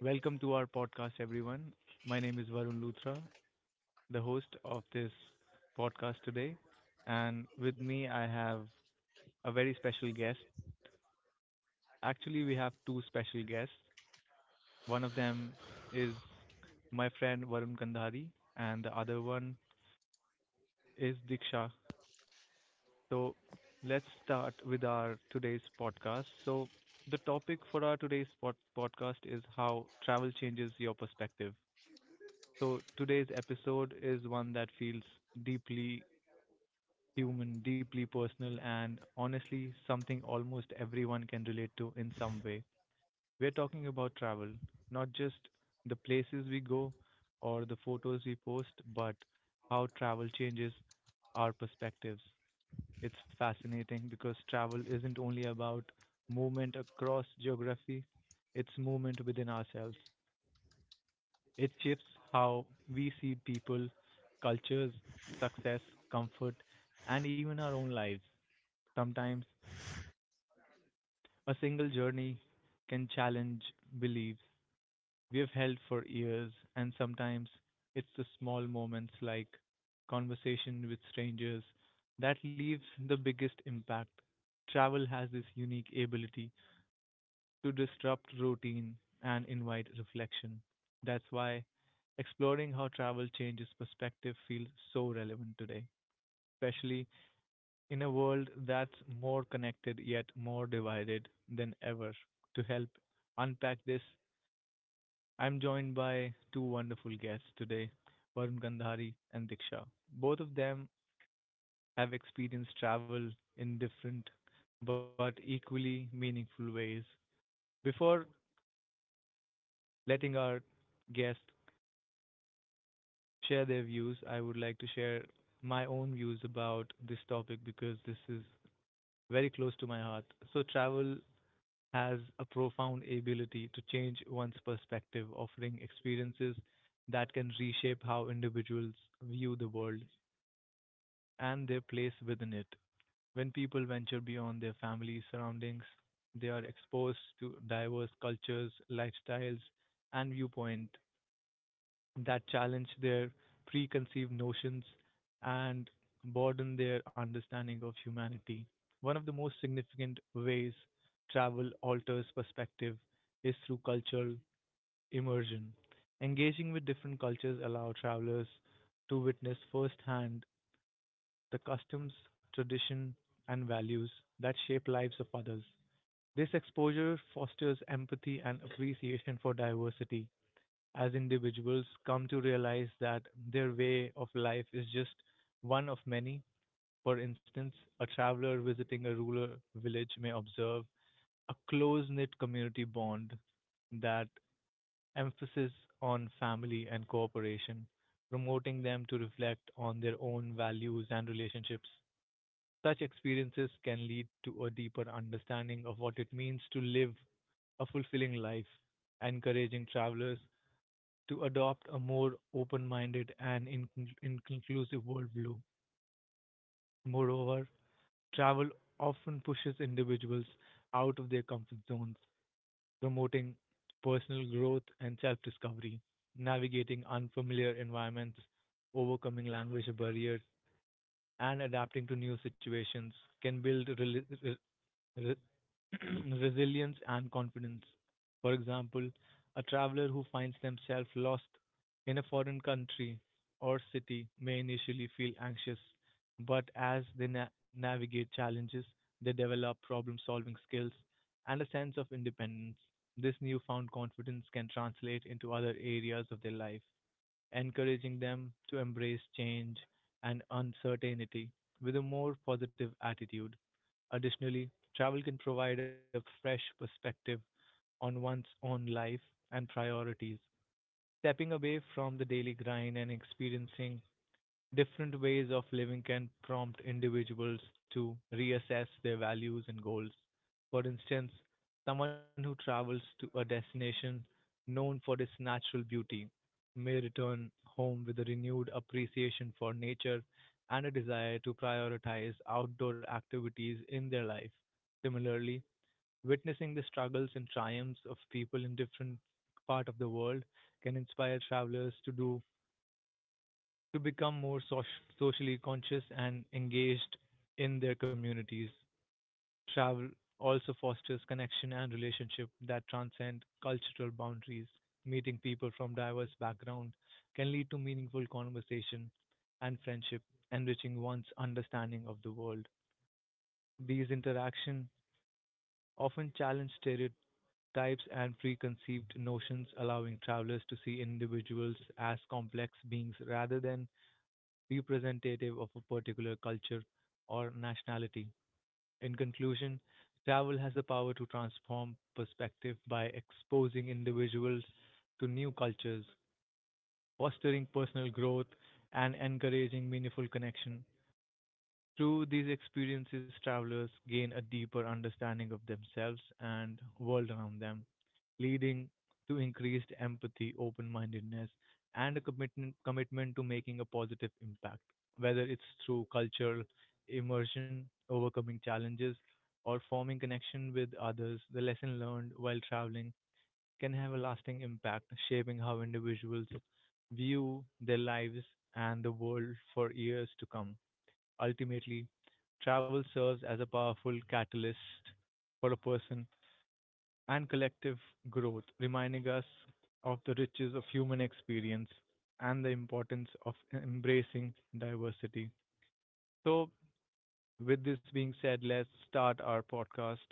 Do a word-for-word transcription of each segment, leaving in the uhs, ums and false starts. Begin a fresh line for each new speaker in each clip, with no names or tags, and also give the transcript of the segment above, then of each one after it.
Welcome to our podcast, everyone. My name is Varun Luthra, the host of this podcast today. And with me, I have a very special guest. Actually, we have two special guests. One of them is my friend Varun Kandhari, and the other one is Diksha. So let's start with our today's podcast. So, the topic for our today's pod- podcast is how travel changes your perspective. So today's episode is one that feels deeply human, deeply personal, and honestly, something almost everyone can relate to in some way. We're talking about travel, not just the places we go or the photos we post, but how travel changes our perspectives. It's fascinating because travel isn't only about movement across geography, it's movement within ourselves. It shifts how we see people, cultures, success, comfort, and even our own lives. Sometimes a single journey can challenge beliefs we have held for years, and sometimes it's the small moments like conversation with strangers that leaves the biggest impact. Travel has this unique ability to disrupt routine and invite reflection. That's why exploring how travel changes perspective feels so relevant today, especially in a world that's more connected yet more divided than ever. To help unpack this, I'm joined by two wonderful guests today, Varun Gandhari and Diksha. Both of them have experienced travel in different but equally meaningful ways. Before letting our guest share their views, I would like to share my own views about this topic because this is very close to my heart. So, travel has a profound ability to change one's perspective, offering experiences that can reshape how individuals view the world and their place within it. When people venture beyond their family surroundings, they are exposed to diverse cultures, lifestyles, and viewpoints that challenge their preconceived notions and broaden their understanding of humanity. One of the most significant ways travel alters perspective is through cultural immersion. Engaging with different cultures allow travelers to witness firsthand the customs, tradition, and values that shape lives of others. This exposure fosters empathy and appreciation for diversity, as individuals come to realize that their way of life is just one of many. For instance, a traveler visiting a rural village may observe a close knit community bond that emphasis on family and cooperation, promoting them to reflect on their own values and relationships. Such experiences can lead to a deeper understanding of what it means to live a fulfilling life, encouraging travelers to adopt a more open minded and in- inclusive worldview. Moreover, travel often pushes individuals out of their comfort zones, promoting personal growth and self discovery, navigating unfamiliar environments, overcoming language barriers, and adapting to new situations can build rel- re- re- resilience and confidence. For example, a traveler who finds themselves lost in a foreign country or city may initially feel anxious, but as they na- navigate challenges, they develop problem solving skills and a sense of independence. This newfound confidence can translate into other areas of their life, encouraging them to embrace change and uncertainty with a more positive attitude. Additionally, travel can provide a fresh perspective on one's own life and priorities. Stepping away from the daily grind and experiencing different ways of living can prompt individuals to reassess their values and goals. For instance, someone who travels to a destination known for its natural beauty may return home with a renewed appreciation for nature and a desire to prioritize outdoor activities in their life. Similarly, witnessing the struggles and triumphs of people in different parts of the world can inspire travelers to do to become more soc- socially conscious and engaged in their communities. Travel also fosters connection and relationship that transcend cultural boundaries. Meeting people from diverse backgrounds can lead to meaningful conversation and friendship, enriching one's understanding of the world. These interactions often challenge stereotypes types and preconceived notions, allowing travelers to see individuals as complex beings rather than representative of a particular culture or nationality. In conclusion, travel has the power to transform perspective by exposing individuals to new cultures, fostering personal growth, and encouraging meaningful connection. Through these experiences, travelers gain a deeper understanding of themselves and world around them, leading to increased empathy, open-mindedness, and a commitment commitment to making a positive impact. Whether it's through cultural immersion, overcoming challenges, or forming connection with others, the lesson learned while traveling can have a lasting impact, shaping how individuals view their lives and the world for years to come. Ultimately, travel serves as a powerful catalyst for a person and collective growth, reminding us of the riches of human experience and the importance of embracing diversity. So, with this being said, let's start our podcast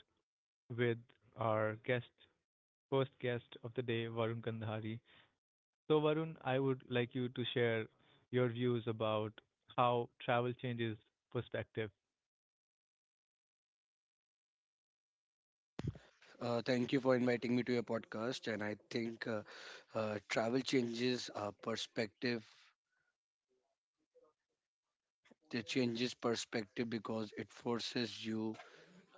with our guest, first guest of the day, Varun Kandhari. So, Varun, I would like you to share your views about how travel changes perspective.
Uh, thank you for inviting me to your podcast. And I think uh, uh, travel changes uh, perspective. It changes perspective because it forces you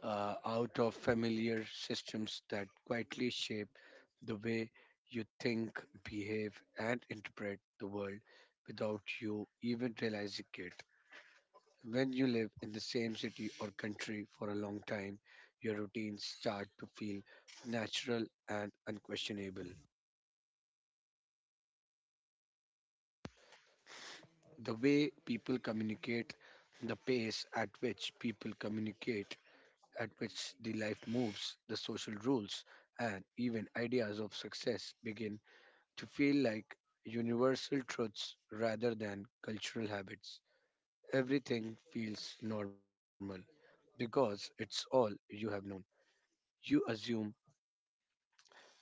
uh, out of familiar systems that quietly shape the way you think, behave, and interpret the world without you even realizing it. When you live in the same city or country for a long time, your routines start to feel natural and unquestionable. The way people communicate, the pace at which people communicate, at which the life moves, the social rules, and even ideas of success begin to feel like universal truths rather than cultural habits. Everything feels normal because it's all you have known. You assume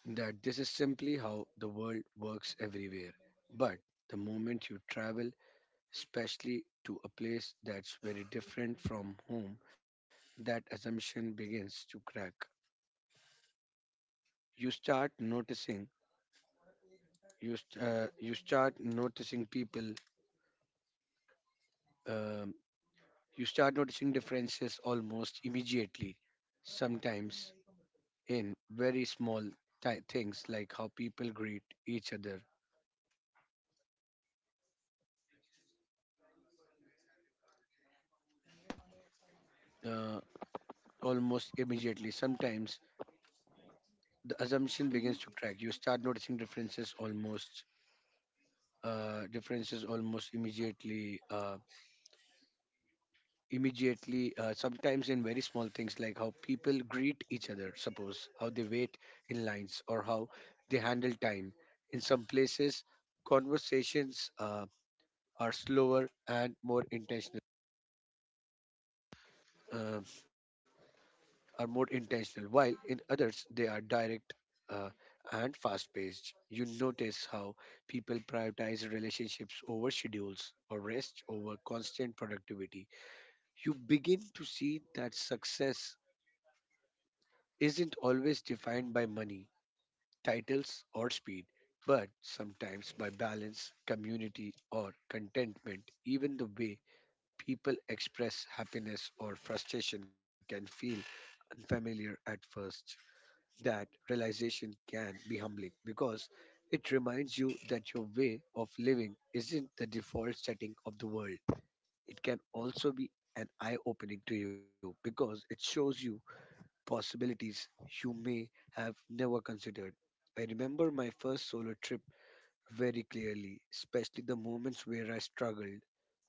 that this is simply how the world works everywhere. But the moment you travel, especially to a place that's very different from home, that assumption begins to crack. You start noticing, you, st- uh, you start noticing people, um, you start noticing differences almost immediately, sometimes in very small ti- things like how people greet each other. Uh, almost immediately sometimes the assumption begins
Mhm.
to crack you start noticing differences almost uh, differences almost immediately. Uh, immediately uh, Sometimes in very small things like how people greet each other, suppose how they wait in lines, or how they handle time. In some places conversations uh, are slower and more intentional uh, are more intentional, while in others they are direct uh, and fast paced. You notice how people prioritize relationships over schedules, or rest over constant productivity. You begin to see that success isn't always defined by money, titles, or speed, but sometimes by balance, community, or contentment. Even the way people express happiness or frustration can feel unfamiliar at first. That realization can be humbling because it reminds you that your way of living isn't the default setting of the world. It can also be an eye opening to you because it shows you possibilities you may have never considered. I remember my first solo trip very clearly, especially the moments where I struggled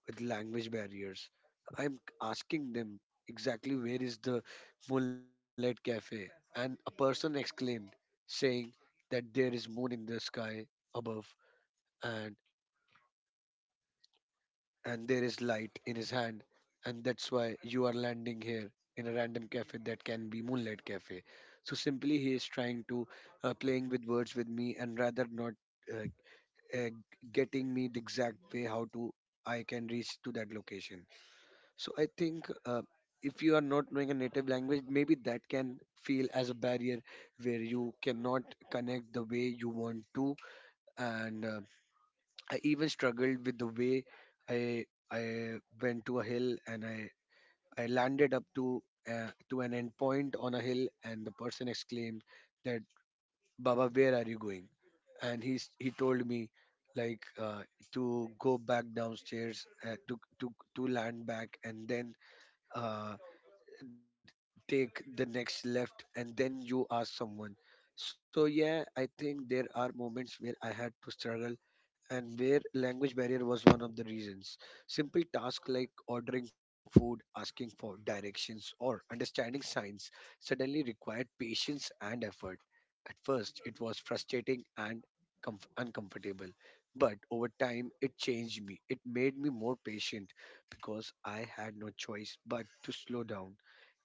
with language barriers. I'm asking them exactly where is the Moonlight Cafe, and a person exclaimed, saying that there is moon in the sky above, and and there is light in his hand and that's why you are landing here in a random cafe that can be moonlight cafe. So simply he is trying to, uh, playing with words with me and rather not uh, uh, getting me the exact way how to I can reach to that location. So I think uh, if you are not knowing a native language, maybe that can feel as a barrier where you cannot connect the way you want to. And uh, I even struggled with the way I I went to a hill and I I landed up to uh, to an endpoint on a hill, and the person exclaimed that, Baba, where are you going? And he's he told me like, uh, to go back downstairs, uh, to to to land back, and then uh, take the next left, and then you ask someone. So yeah, I think there are moments where I had to struggle, and where language barrier was one of the reasons. Simple tasks like ordering food, asking for directions, or understanding signs suddenly required patience and effort. At first, it was frustrating and comf- uncomfortable, but over time, it changed me. It made me more patient because I had no choice but to slow down.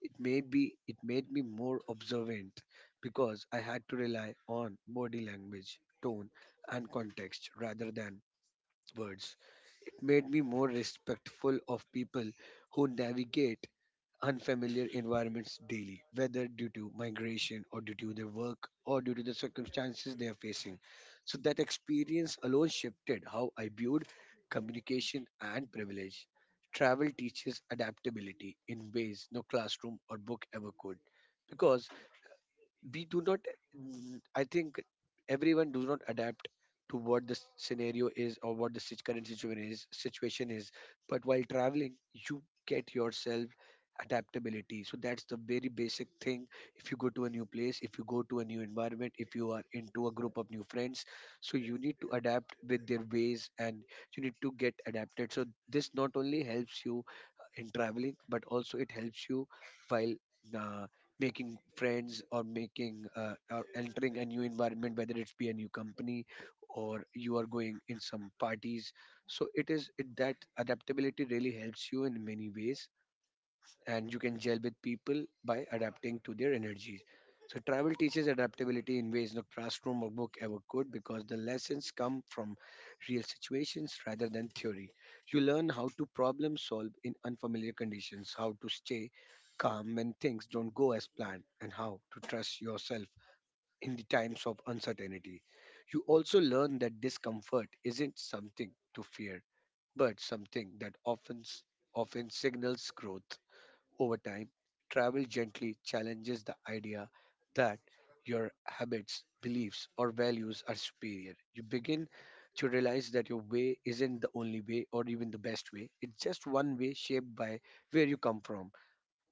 It made be it made me more observant because I had to rely on body language, tone, and context rather than words. It made me more respectful of people who navigate unfamiliar environments daily, whether due to migration or due to their work or due to the circumstances they are facing. So that experience alone shifted how I viewed communication and privilege. Travel teaches adaptability in ways no classroom or book ever could, because we do not, n- I think everyone does not adapt to what the s- scenario is, or what the sit- current situation is situation is. But while traveling, you get yourself adaptability. So that's the very basic thing. If you go to a new place, if you go to a new environment, if you are into a group of new friends, so you need to adapt with their ways, and you need to get adapted. So this not only helps you uh, in traveling, but also it helps you while uh, making friends, or making uh, or entering a new environment, whether it's be a new company or you are going in some parties. So it is it, that adaptability really helps you in many ways, and you can gel with people by adapting to their energies. So travel teaches adaptability in ways no classroom or book ever could, because the lessons come from real situations rather than theory. You learn how to problem solve in unfamiliar conditions, how to stay calm when things don't go as planned, and how to trust yourself in the times of uncertainty. You also learn that discomfort isn't something to fear, but something that often often signals growth. Over time, travel gently challenges the idea that your habits, beliefs, or values are superior. You begin to realize that your way isn't the only way, or even the best way. It's just one way shaped by where you come from.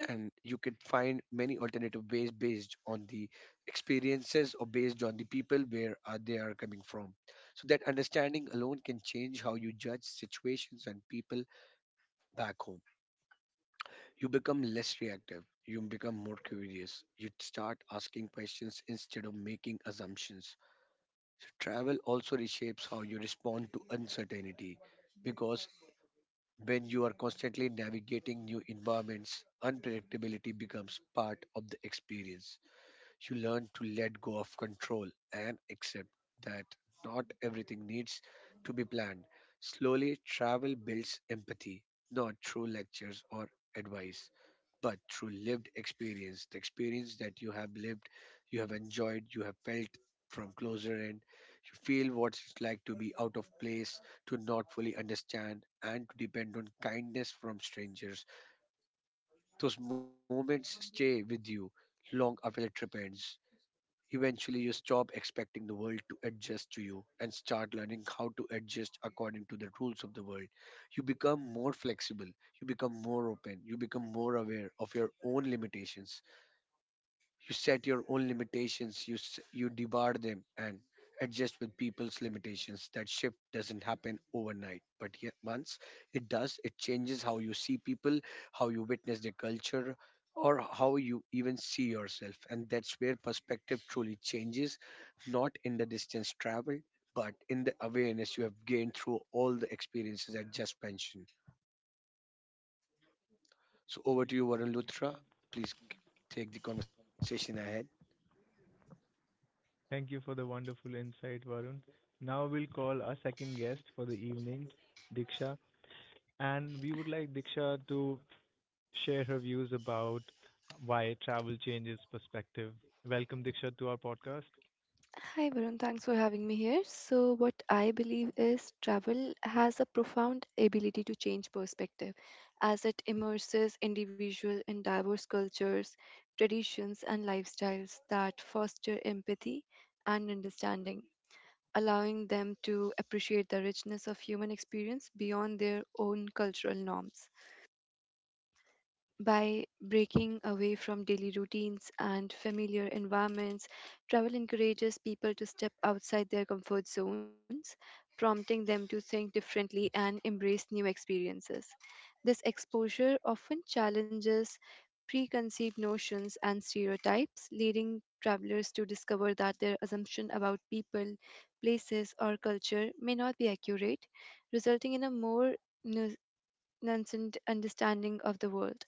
And you can find many alternative ways based on the experiences, or based on the people where uh, they are coming from. So that understanding alone can change how you judge situations and people back home. You become less reactive, you become more curious, you start asking questions instead of making assumptions. So travel also reshapes how you respond to uncertainty, because when you are constantly navigating new environments, unpredictability becomes part of the experience. You learn to let go of control and accept that not everything needs to be planned. Slowly, travel builds empathy, not through lectures or advice, but through lived experience, the experience that you have lived, you have enjoyed, you have felt from closer end. You feel what it's like to be out of place, to not fully understand, and to depend on kindness from strangers. Those moments stay with you long after the trip ends. Eventually, you stop expecting the world to adjust to you, and start learning how to adjust according to the rules of the world. You become more flexible, you become more open, you become more aware of your own limitations. You set your own limitations, you, s- you debar them, and adjust with people's limitations. That shift doesn't happen overnight, but yet once it does, it changes how you see people, how you witness their culture, or how you even see yourself. And that's where perspective truly changes, not in the distance traveled, but in the awareness you have gained through all the experiences I just mentioned. So over to you, Varun Luthra. Please take the conversation ahead.
Thank you for the wonderful insight, Varun. Now we'll call our second guest for the evening, Diksha. And we would like Diksha to share her views about why travel changes perspective. Welcome, Diksha, to our podcast.
Hi, Varun. Thanks for having me here. So, what I believe is travel has a profound ability to change perspective as it immerses individual in diverse cultures, traditions, and lifestyles that foster empathy and understanding, allowing them to appreciate the richness of human experience beyond their own cultural norms. By breaking away from daily routines and familiar environments, travel encourages people to step outside their comfort zones, prompting them to think differently and embrace new experiences. This exposure often challenges preconceived notions and stereotypes, leading travelers to discover that their assumption about people, places, or culture may not be accurate, resulting in a more nu- nuanced understanding of the world.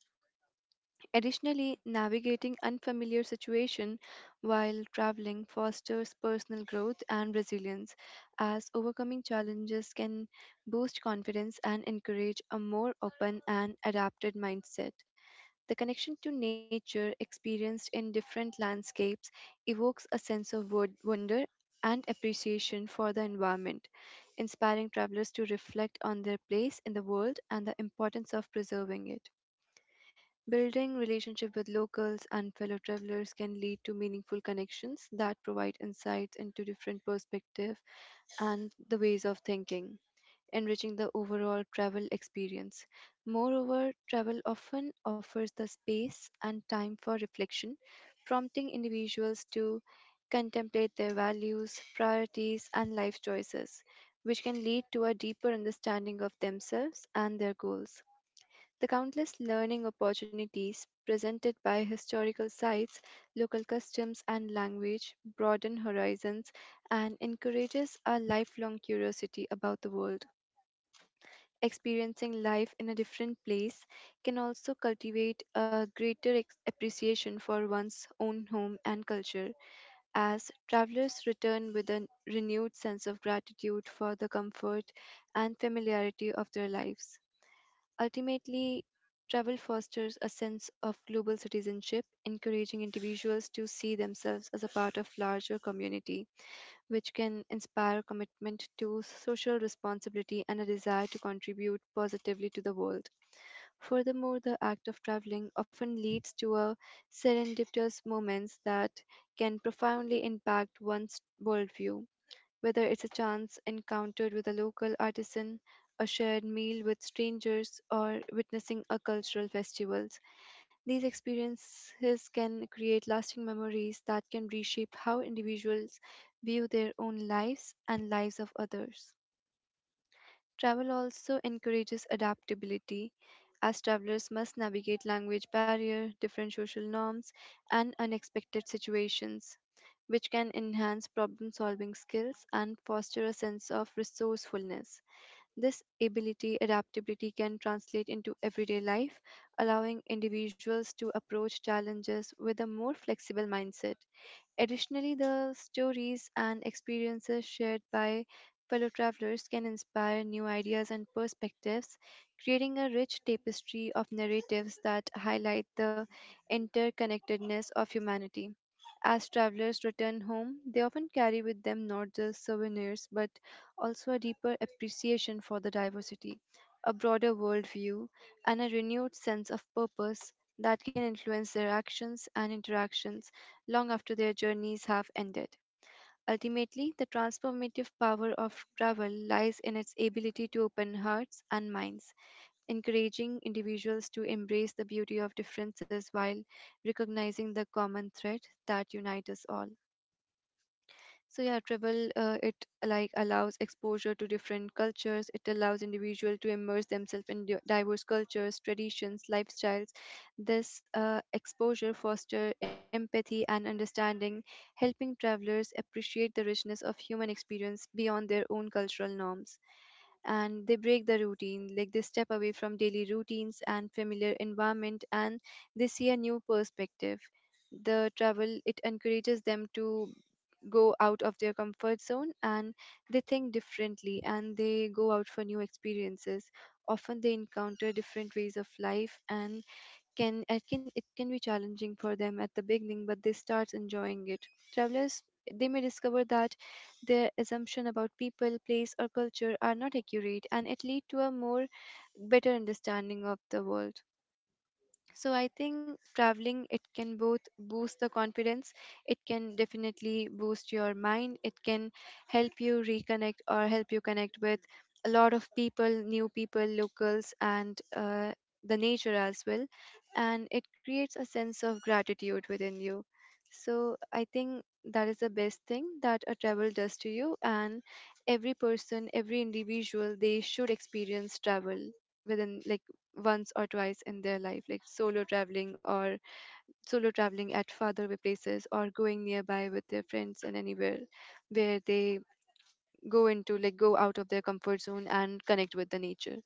Additionally, navigating unfamiliar situation while traveling fosters personal growth and resilience, as overcoming challenges can boost confidence and encourage a more open and adapted mindset. The connection to nature experienced in different landscapes evokes a sense of wo- wonder and appreciation for the environment, inspiring travelers to reflect on their place in the world and the importance of preserving it. Building relationship with locals and fellow travelers can lead to meaningful connections that provide insights into different perspectives and the ways of thinking, enriching the overall travel experience. Moreover, travel often offers the space and time for reflection, prompting individuals to contemplate their values, priorities, and life choices, which can lead to a deeper understanding of themselves and their goals. The countless learning opportunities presented by historical sites, local customs and language broaden horizons and encourages a lifelong curiosity about the world. Experiencing life in a different place can also cultivate a greater ex- appreciation for one's own home and culture as travelers return with a renewed sense of gratitude for the comfort and familiarity of their lives. Ultimately, travel fosters a sense of global citizenship, encouraging individuals to see themselves as a part of larger community, which can inspire commitment to social responsibility and a desire to contribute positively to the world. Furthermore, the act of traveling often leads to a serendipitous moments that can profoundly impact one's worldview, whether it's a chance encounter with a local artisan, a shared meal with strangers, or witnessing a cultural festival. These experiences can create lasting memories that can reshape how individuals view their own lives and lives of others. Travel also encourages adaptability, as travelers must navigate language barrier, different social norms, and unexpected situations, which can enhance problem solving skills and foster a sense of resourcefulness. This ability, adaptability, can translate into everyday life, allowing individuals to approach challenges with a more flexible mindset. Additionally, the stories and experiences shared by fellow travelers can inspire new ideas and perspectives, creating a rich tapestry of narratives that highlight the interconnectedness of humanity. As travelers return home, they often carry with them not just souvenirs but also a deeper appreciation for the diversity, a broader worldview, and a renewed sense of purpose that can influence their actions and interactions long after their journeys have ended. Ultimately, the transformative power of travel lies in its ability to open hearts and minds, encouraging individuals to embrace the beauty of differences while recognizing the common thread that unites us all. So yeah, travel, uh, it like allows exposure to different cultures. It allows individual to immerse themselves in di- diverse cultures, traditions, lifestyles. This uh, exposure foster empathy and understanding, helping travelers appreciate the richness of human experience beyond their own cultural norms, and they break the routine, like they step away from daily routines and familiar environment, and they see a new perspective. The travel, it encourages them to go out of their comfort zone, and they think differently, and they go out for new experiences. Often they encounter different ways of life, and can it can it can be challenging for them at the beginning, but they start enjoying it. Travelers, they may discover that their assumption about people, place, or culture are not accurate, and it lead to a more better understanding of the world. So I think traveling, it can both boost the confidence, it can definitely boost your mind, it can help you reconnect or help you connect with a lot of people, new people, locals, and uh, the nature as well, and it creates a sense of gratitude within you. So I think that is the best thing that a travel does to you, and every person, every individual, they should experience travel within, like, once or twice in their life, like solo traveling or solo traveling at farther away places or going nearby with their friends and anywhere where they go into, like, go out of their comfort zone and connect with the nature.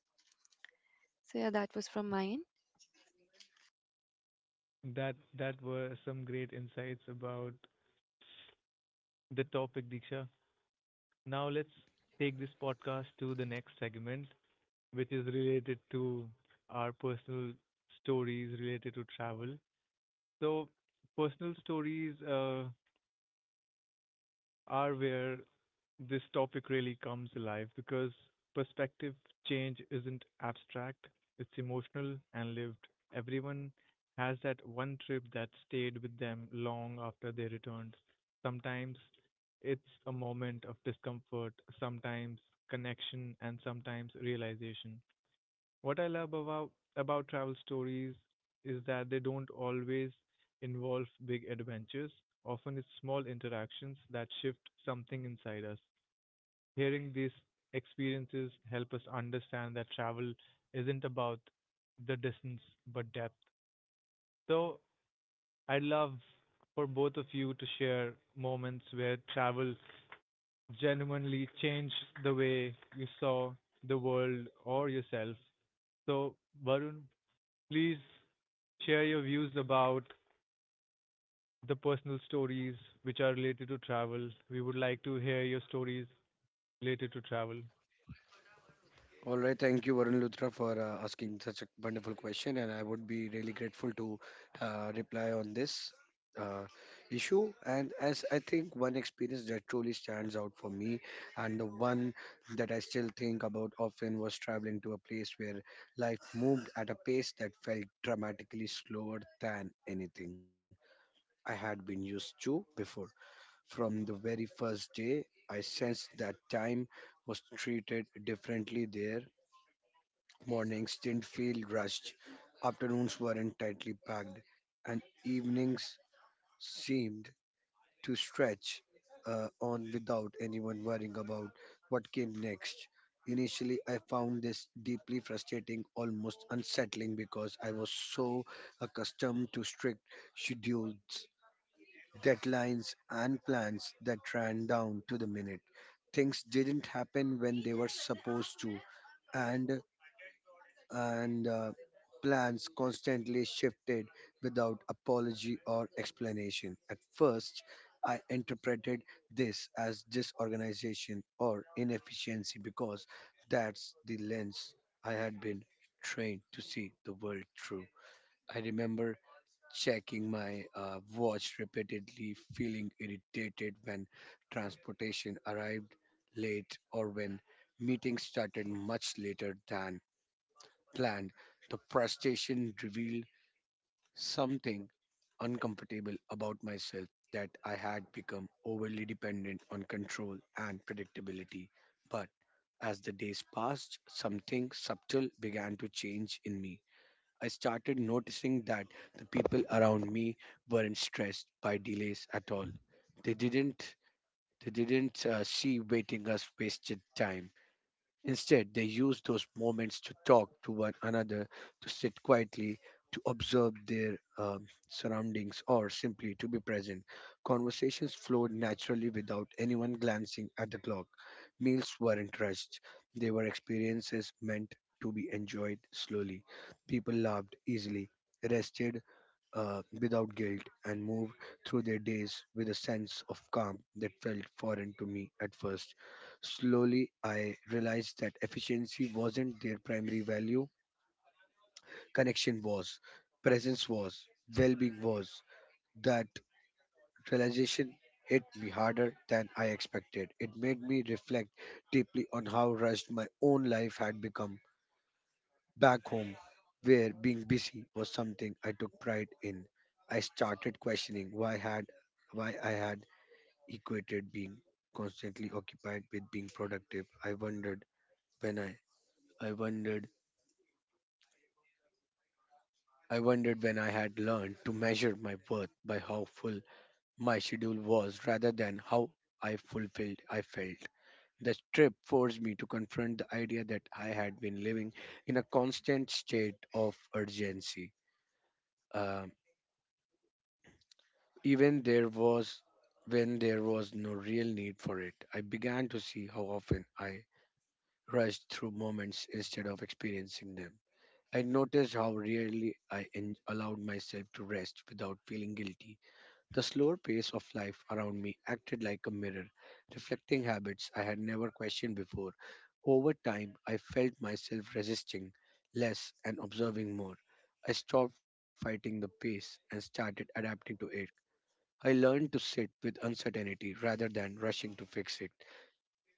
So yeah, that was from mine.
That that were some great insights about the topic, Diksha. Now let's take this podcast to the next segment, which is related to our personal stories related to travel. So, personal stories uh, are where this topic really comes alive because perspective change isn't abstract, it's emotional and lived. Everyone has that one trip that stayed with them long after they returned. Sometimes it's a moment of discomfort, sometimes connection, and sometimes realization. What I love about about travel stories is that they don't always involve big adventures. Often it's small interactions that shift something inside us. Hearing these experiences help us understand that travel isn't about the distance but depth. So I'd love for both of you to share moments where travel genuinely changed the way you saw the world or yourself. So Varun, please share your views about the personal stories which are related to travel. We would like to hear your stories related to travel.
All right, thank you, Varun Luthra, for uh, asking such a wonderful question, and I would be really grateful to uh, reply on this uh, issue. And as I think, one experience that truly stands out for me, and the one that I still think about often, was traveling to a place where life moved at a pace that felt dramatically slower than anything I had been used to before. From the very first day, I sensed that time was treated differently there. Mornings didn't feel rushed, afternoons weren't tightly packed, and evenings seemed to stretch uh, on without anyone worrying about what came next. Initially, I found this deeply frustrating, almost unsettling, because I was so accustomed to strict schedules, deadlines, and plans that ran down to the minute. Things didn't happen when they were supposed to, and and uh, plans constantly shifted without apology or explanation. At first, I interpreted this as disorganization or inefficiency, because that's the lens I had been trained to see the world through. I remember checking my uh, watch repeatedly, feeling irritated when transportation arrived late, or when meetings started much later than planned. The frustration revealed something uncomfortable about myself, that I had become overly dependent on control and predictability. But as the days passed, something subtle began to change in me. I started noticing that the people around me weren't stressed by delays at all. They didn't they didn't uh, see waiting as wasted time. Instead, they use those moments to talk to one another, to sit quietly, to observe their um, surroundings, or simply to be present. Conversations flowed naturally without anyone glancing at the clock. Meals weren't rushed, they were experiences meant to be enjoyed slowly. People laughed easily, rested uh, without guilt, and moved through their days with a sense of calm that felt foreign to me at first. Slowly, I realized that efficiency wasn't their primary value, connection was, presence was, well being was. That realization hit me harder than I expected. It made me reflect deeply on how rushed my own life had become back home, where being busy was something I took pride in. I started questioning why had why I had equated being constantly occupied with being productive. I wondered when I I wondered I wondered when I had learned to measure my worth by how full my schedule was rather than how I fulfilled I felt. The trip forced me to confront the idea that I had been living in a constant state of urgency. Um, even there was When there was no real need for it. I began to see how often I rushed through moments instead of experiencing them. I noticed how rarely I en- allowed myself to rest without feeling guilty. The slower pace of life around me acted like a mirror, reflecting habits I had never questioned before. Over time, I felt myself resisting less and observing more. I stopped fighting the pace and started adapting to it. I learned to sit with uncertainty rather than rushing to fix it.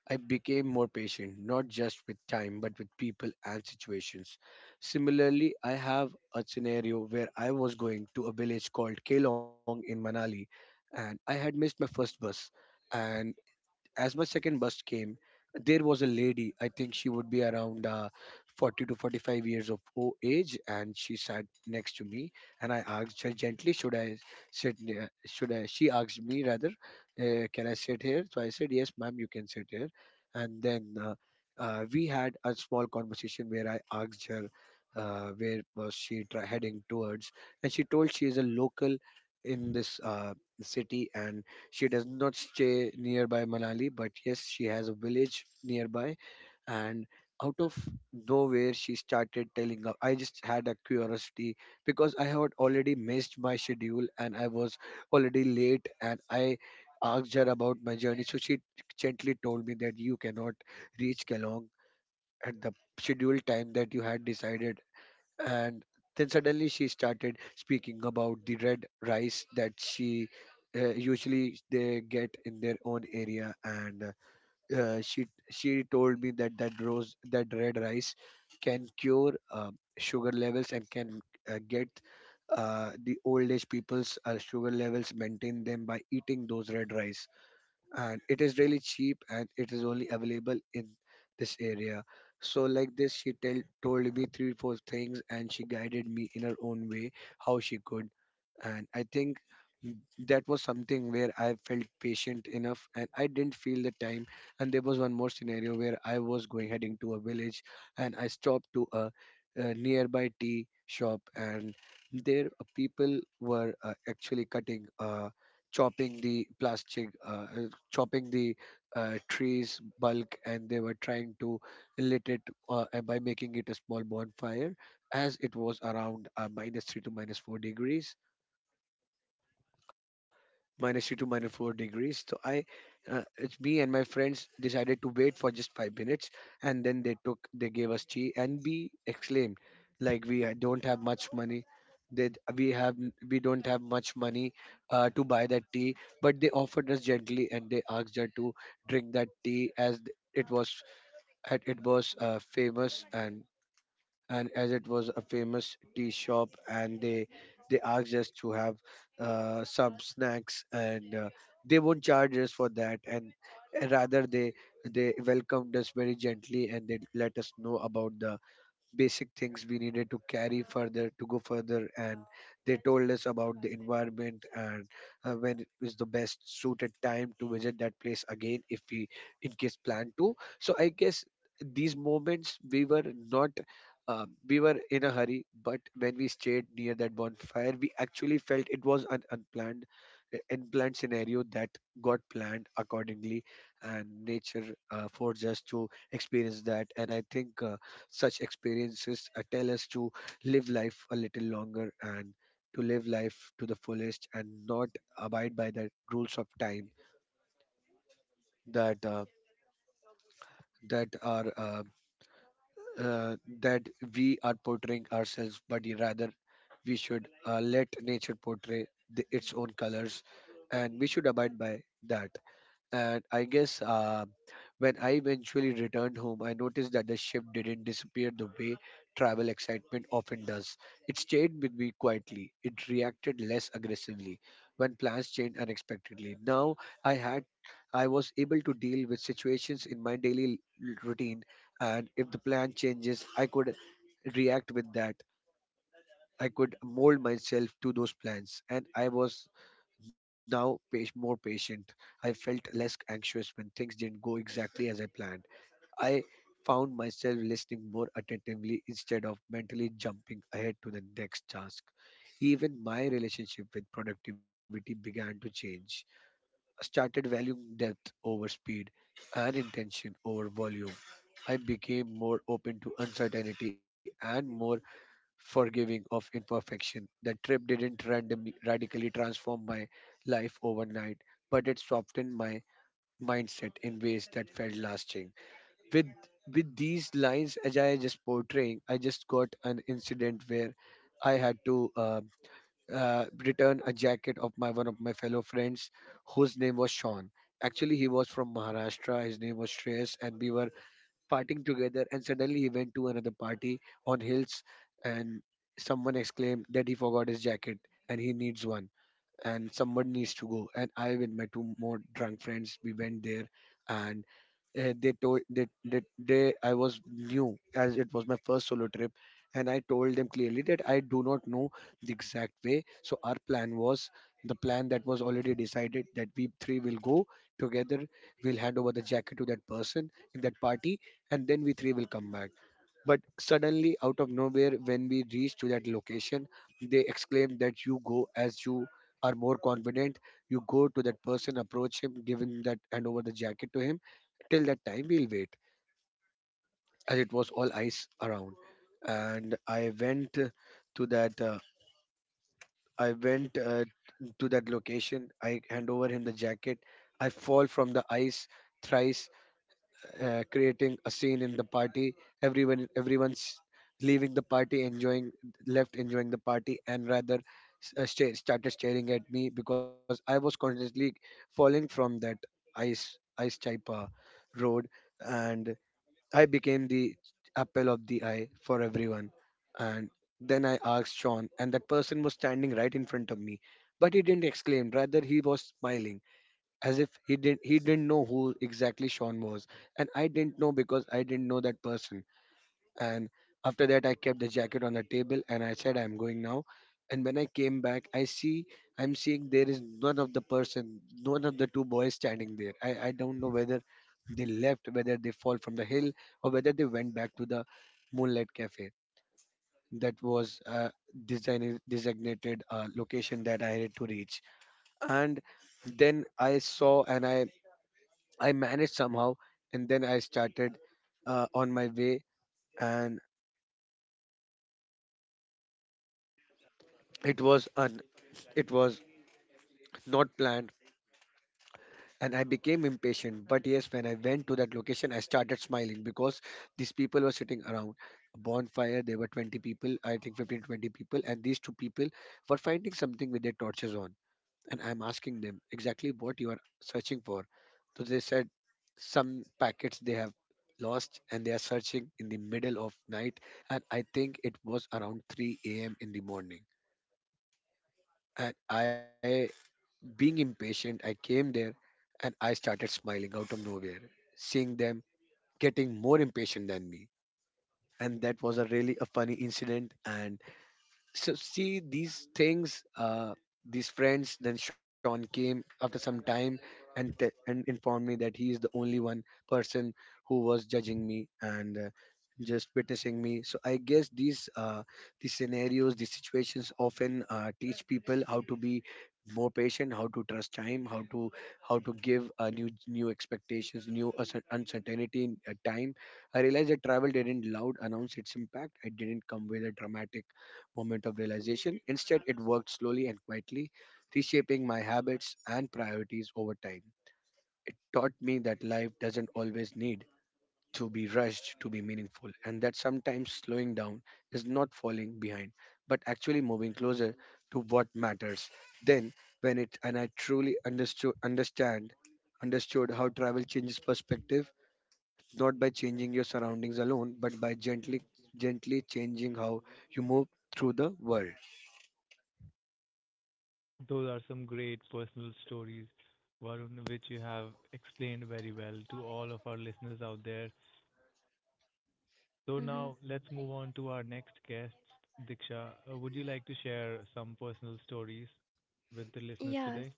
I became more patient, not just with time, but with people and situations. Similarly, I have a scenario where I was going to a village called Kelong in Manali, and I had missed my first bus. And as my second bus came, there was a lady. I think she would be around uh, forty to forty-five years of o- age, and she sat next to me. And I asked her gently, "Should I sit? near- Should I?" She asked me rather, uh, "Can I sit here?" So I said, "Yes, ma'am, you can sit here." And then uh, uh, we had a small conversation where I asked her uh, where was she tra- heading towards, and she told she is a local in this uh, city, and she does not stay nearby Manali, but yes, she has a village nearby. And out of nowhere, she started telling up. I just had a curiosity because I had already missed my schedule and I was already late. And I asked her about my journey. So she gently told me that you cannot reach Kalong at the scheduled time that you had decided, and then suddenly she started speaking about the red rice that she uh, usually they get in their own area, and uh, uh, she she told me that that rose that red rice can cure uh, sugar levels and can uh, get uh, the old age people's uh, sugar levels, maintain them by eating those red rice, and it is really cheap and it is only available in this area. So like this she tell, told me three four things and she guided me in her own way how she could. And I think that was something where I felt patient enough and I didn't feel the time. And there was one more scenario where I was going heading to a village, and I stopped to a, a nearby tea shop, and there uh, people were uh, actually cutting uh, chopping the plastic, uh, uh, chopping the uh, trees bulk, and they were trying to lit it uh, uh, by making it a small bonfire, as it was around uh, minus three to minus four degrees, minus three to minus four degrees. So I, uh, it's me and my friends decided to wait for just five minutes, and then they took, they gave us tea, and we exclaimed, like we ha- don't have much money, that we have, n- we don't have much money uh, to buy that tea, but they offered us gently, and they asked her to drink that tea as th- it was, had- it was uh, famous, and and as it was a famous tea shop and they they asked us to have uh, some snacks, and uh, they won't charge us for that, and rather they they welcomed us very gently and they let us know about the basic things we needed to carry further to go further, and they told us about the environment, and uh, when it is the best suited time to visit that place again if we in case plan to. So I guess these moments we were not uh, we were in a hurry, but when we stayed near that bonfire, we actually felt it was an unplanned uh, unplanned scenario that got planned accordingly. And nature uh, forced us to experience that, and I think uh, such experiences uh, tell us to live life a little longer and to live life to the fullest, and not abide by the rules of time that uh, that are uh, uh, that we are portraying ourselves, but y- rather we should uh, let nature portray the, its own colors, and we should abide by that. And I guess uh, when I eventually returned home, I noticed that the ship didn't disappear the way travel excitement often does. It stayed with me quietly. It reacted less aggressively when plans changed unexpectedly. Now I had I was able to deal with situations in my daily l- routine, and if the plan changes, I could react with that. I could mold myself to those plans, and I was now pa- more patient. I felt less anxious when things didn't go exactly as I planned. I found myself listening more attentively instead of mentally jumping ahead to the next task. Even my relationship with productivity began to change. I started valuing depth over speed and intention over volume. I became more open to uncertainty and more forgiving of imperfection. The trip didn't randomly, radically transform my life overnight, but it softened my mindset in ways that felt lasting. With with these lines, as I just portraying, I just got an incident where I had to uh, uh, return a jacket of my one of my fellow friends, whose name was Sean. Actually, he was from Maharashtra. His name was Shreyas, and we were partying together, and suddenly he went to another party on hills, and someone exclaimed that he forgot his jacket and he needs one, and someone needs to go. And I, with my two more drunk friends, we went there, and uh, they told that that they I was new as it was my first solo trip, and I told them clearly that I do not know the exact way. So our plan was the plan that was already decided that we three will go together. We'll hand over the jacket to that person in that party, and then we three will come back. But suddenly, out of nowhere, when we reach to that location, they exclaim that you go as you are more confident. You go to that person, approach him, give him that, hand over the jacket to him. Till that time, we'll wait, as it was all ice around. And I went uh, to that. Uh, I went uh, to that location. I hand over him the jacket. I fall from the ice thrice, uh, creating a scene in the party. Everyone, everyone's leaving the party, enjoying, left enjoying the party, and rather s- uh, sta- started staring at me because I was constantly falling from that ice ice type uh, road, and I became the apple of the eye for everyone. And then I asked Sean, and that person was standing right in front of me, but he didn't exclaim. Rather, he was smiling as if he didn't he didn't know who exactly Sean was, and I didn't know because I didn't know that person. And after that, I kept the jacket on the table and I said, "I'm going now." And when I came back, I see I'm seeing there is none of the person, none of the two boys standing there. I I don't know whether they left, whether they fall from the hill, or whether they went back to the Moonlight Cafe. That was a design designated uh, location that I had to reach, and then I saw and I I managed somehow, and then I started uh, on my way, and it was un- it was not planned, and I became impatient. But yes, when I went to that location, I started smiling because these people were sitting around a bonfire. There were twenty people, I think fifteen to twenty people, and these two people were finding something with their torches on. And I'm asking them exactly what you are searching for. So they said some packets they have lost and they are searching in the middle of night, and I think it was around three a m in the morning. And I being impatient, I came there and I started smiling out of nowhere, seeing them getting more impatient than me. And that was a really a funny incident, and so see these things uh these friends. Then Sean came after some time and te- and informed me that he is the only one person who was judging me and uh, just witnessing me. So I guess these uh these scenarios, these situations often uh, teach people how to be more patient, how to trust time, how to how to give uh, new new expectations, new uncer- uncertainty in uh, time. I realized that travel didn't loud announce its impact. It didn't come with a dramatic moment of realization. Instead, it worked slowly and quietly, reshaping my habits and priorities over time. It taught me that life doesn't always need to be rushed to be meaningful, and that sometimes slowing down is not falling behind, but actually moving closer to what matters. Then, when it and I truly understood understand understood how travel changes perspective, not by changing your surroundings alone, but by gently gently changing how you move through the world.
Those are some great personal stories, Varun, which you have explained very well to all of our listeners out there. So
Mm-hmm.
now let's move on to our next guest, Diksha. Uh, would you like to share some personal stories with the listeners
Yeah,
today?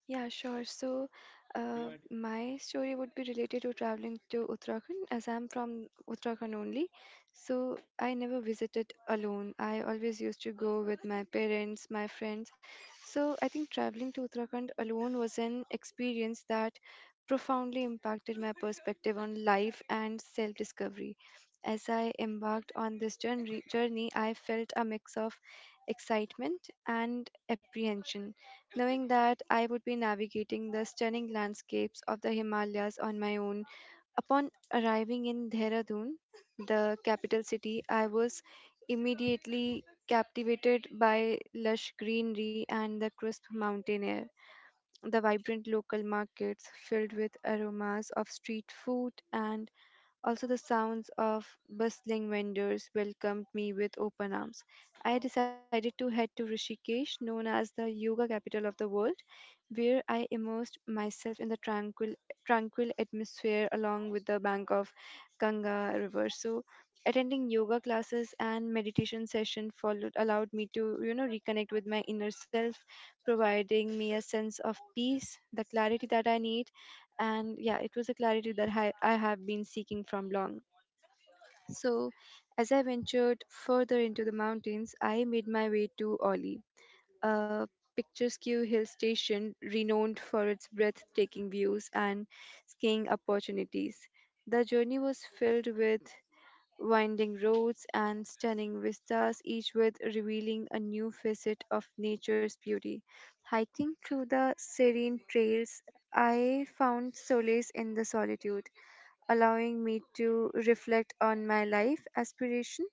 yeah, sure. So, uh, my story would be related to traveling to Uttarakhand as I'm from Uttarakhand only. So, I never visited alone. I always used to go with my parents, my friends. So, I think traveling to Uttarakhand alone was an experience that profoundly impacted my perspective on life and self discovery. As I embarked on this journey, journey, I felt a mix of excitement and apprehension, knowing that I would be navigating the stunning landscapes of the Himalayas on my own. Upon arriving in Dehradun, the capital city, I was immediately captivated by lush greenery and the crisp mountain air. The vibrant local markets filled with aromas of street food and also the sounds of bustling vendors welcomed me with open arms. I decided to head to Rishikesh, known as the yoga capital of the world, where I immersed myself in the tranquil tranquil atmosphere along with the bank of Ganga river. So attending yoga classes and meditation session followed allowed me to you know reconnect with my inner self, providing me a sense of peace, the clarity that I need. And yeah, it was a clarity that i, I have been seeking from long. So as I ventured further into the mountains, I made my way to Oli, a picturesque hill station renowned for its breathtaking views and skiing opportunities. The journey was filled with winding roads and stunning vistas, each with revealing a new facet of nature's beauty. Hiking through the serene trails, I found solace in the solitude, allowing me to reflect on my life aspiration.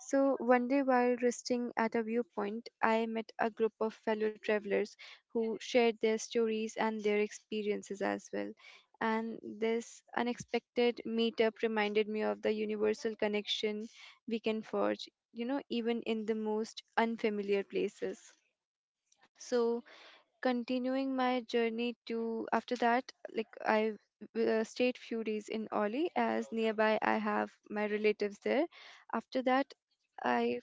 So, one day while resting at a viewpoint, I met a group of fellow travelers who shared their stories and their experiences as well, and this unexpected meetup reminded me of the universal connection we can forge, you know, even in the most unfamiliar places. So, continuing my journey to after that, like I uh, stayed few days in Oli as nearby I have my relatives there. After that, I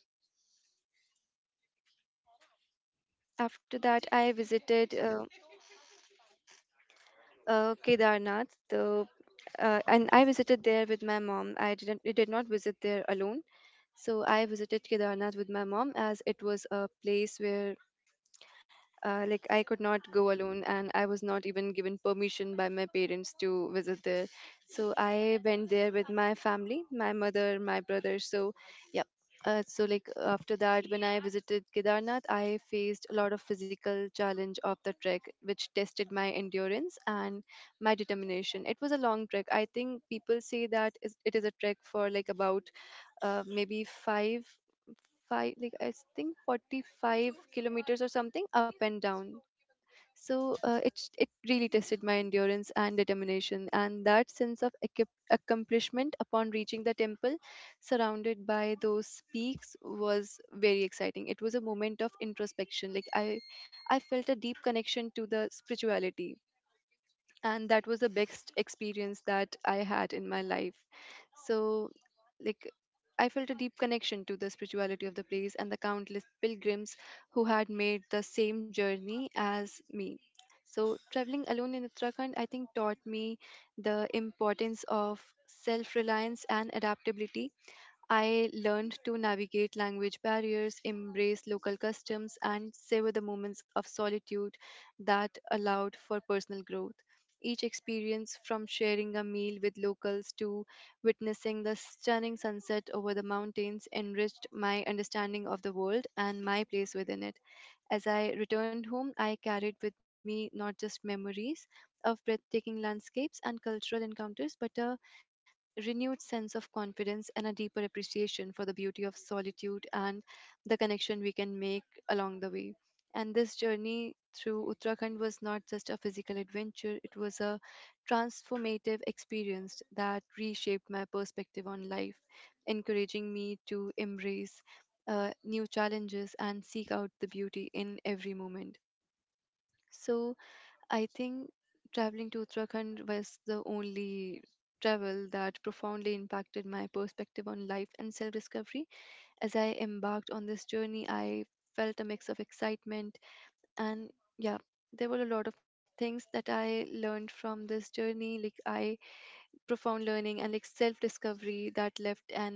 after that I visited uh, uh, Kedarnath. The, uh, and I visited there with my mom. I didn't I did not visit there alone. So I visited Kedarnath with my mom as it was a place where, uh, like, I could not go alone, and I was not even given permission by my parents to visit there. So I went there with my family, my mother, my brother. So, yeah. Uh, so like after that, when I visited Kedarnath, I faced a lot of physical challenge of the trek, which tested my endurance and my determination. It was a long trek. I think people say that is- it is a trek for like about uh, maybe five five like I think forty-five kilometers or something up and down. So uh, it it really tested my endurance and determination, and that sense of accom- accomplishment upon reaching the temple surrounded by those peaks was very exciting. It was a moment of introspection, like i i felt a deep connection to the spirituality, and that was the best experience that I had in my life. So, like, I felt a deep connection to the spirituality of the place and the countless pilgrims who had made the same journey as me. So, traveling alone in Uttarakhand, I think, taught me the importance of self reliance and adaptability. I learned to navigate language barriers, embrace local customs, and savor the moments of solitude that allowed for personal growth. Each experience, from sharing a meal with locals to witnessing the stunning sunset over the mountains, enriched my understanding of the world and my place within it. As I returned home, I carried with me not just memories of breathtaking landscapes and cultural encounters, but a renewed sense of confidence and a deeper appreciation for the beauty of solitude and the connection we can make along the way. And this journey through Uttarakhand was not just a physical adventure, it was a transformative experience that reshaped my perspective on life, encouraging me to embrace uh, new challenges and seek out the beauty in every moment. So, I think traveling to Uttarakhand was the only travel that profoundly impacted my perspective on life and self discovery. As I embarked on this journey, I felt a mix of excitement and, yeah, there were a lot of things that I learned from this journey. Like, I profound learning and like self discovery that left an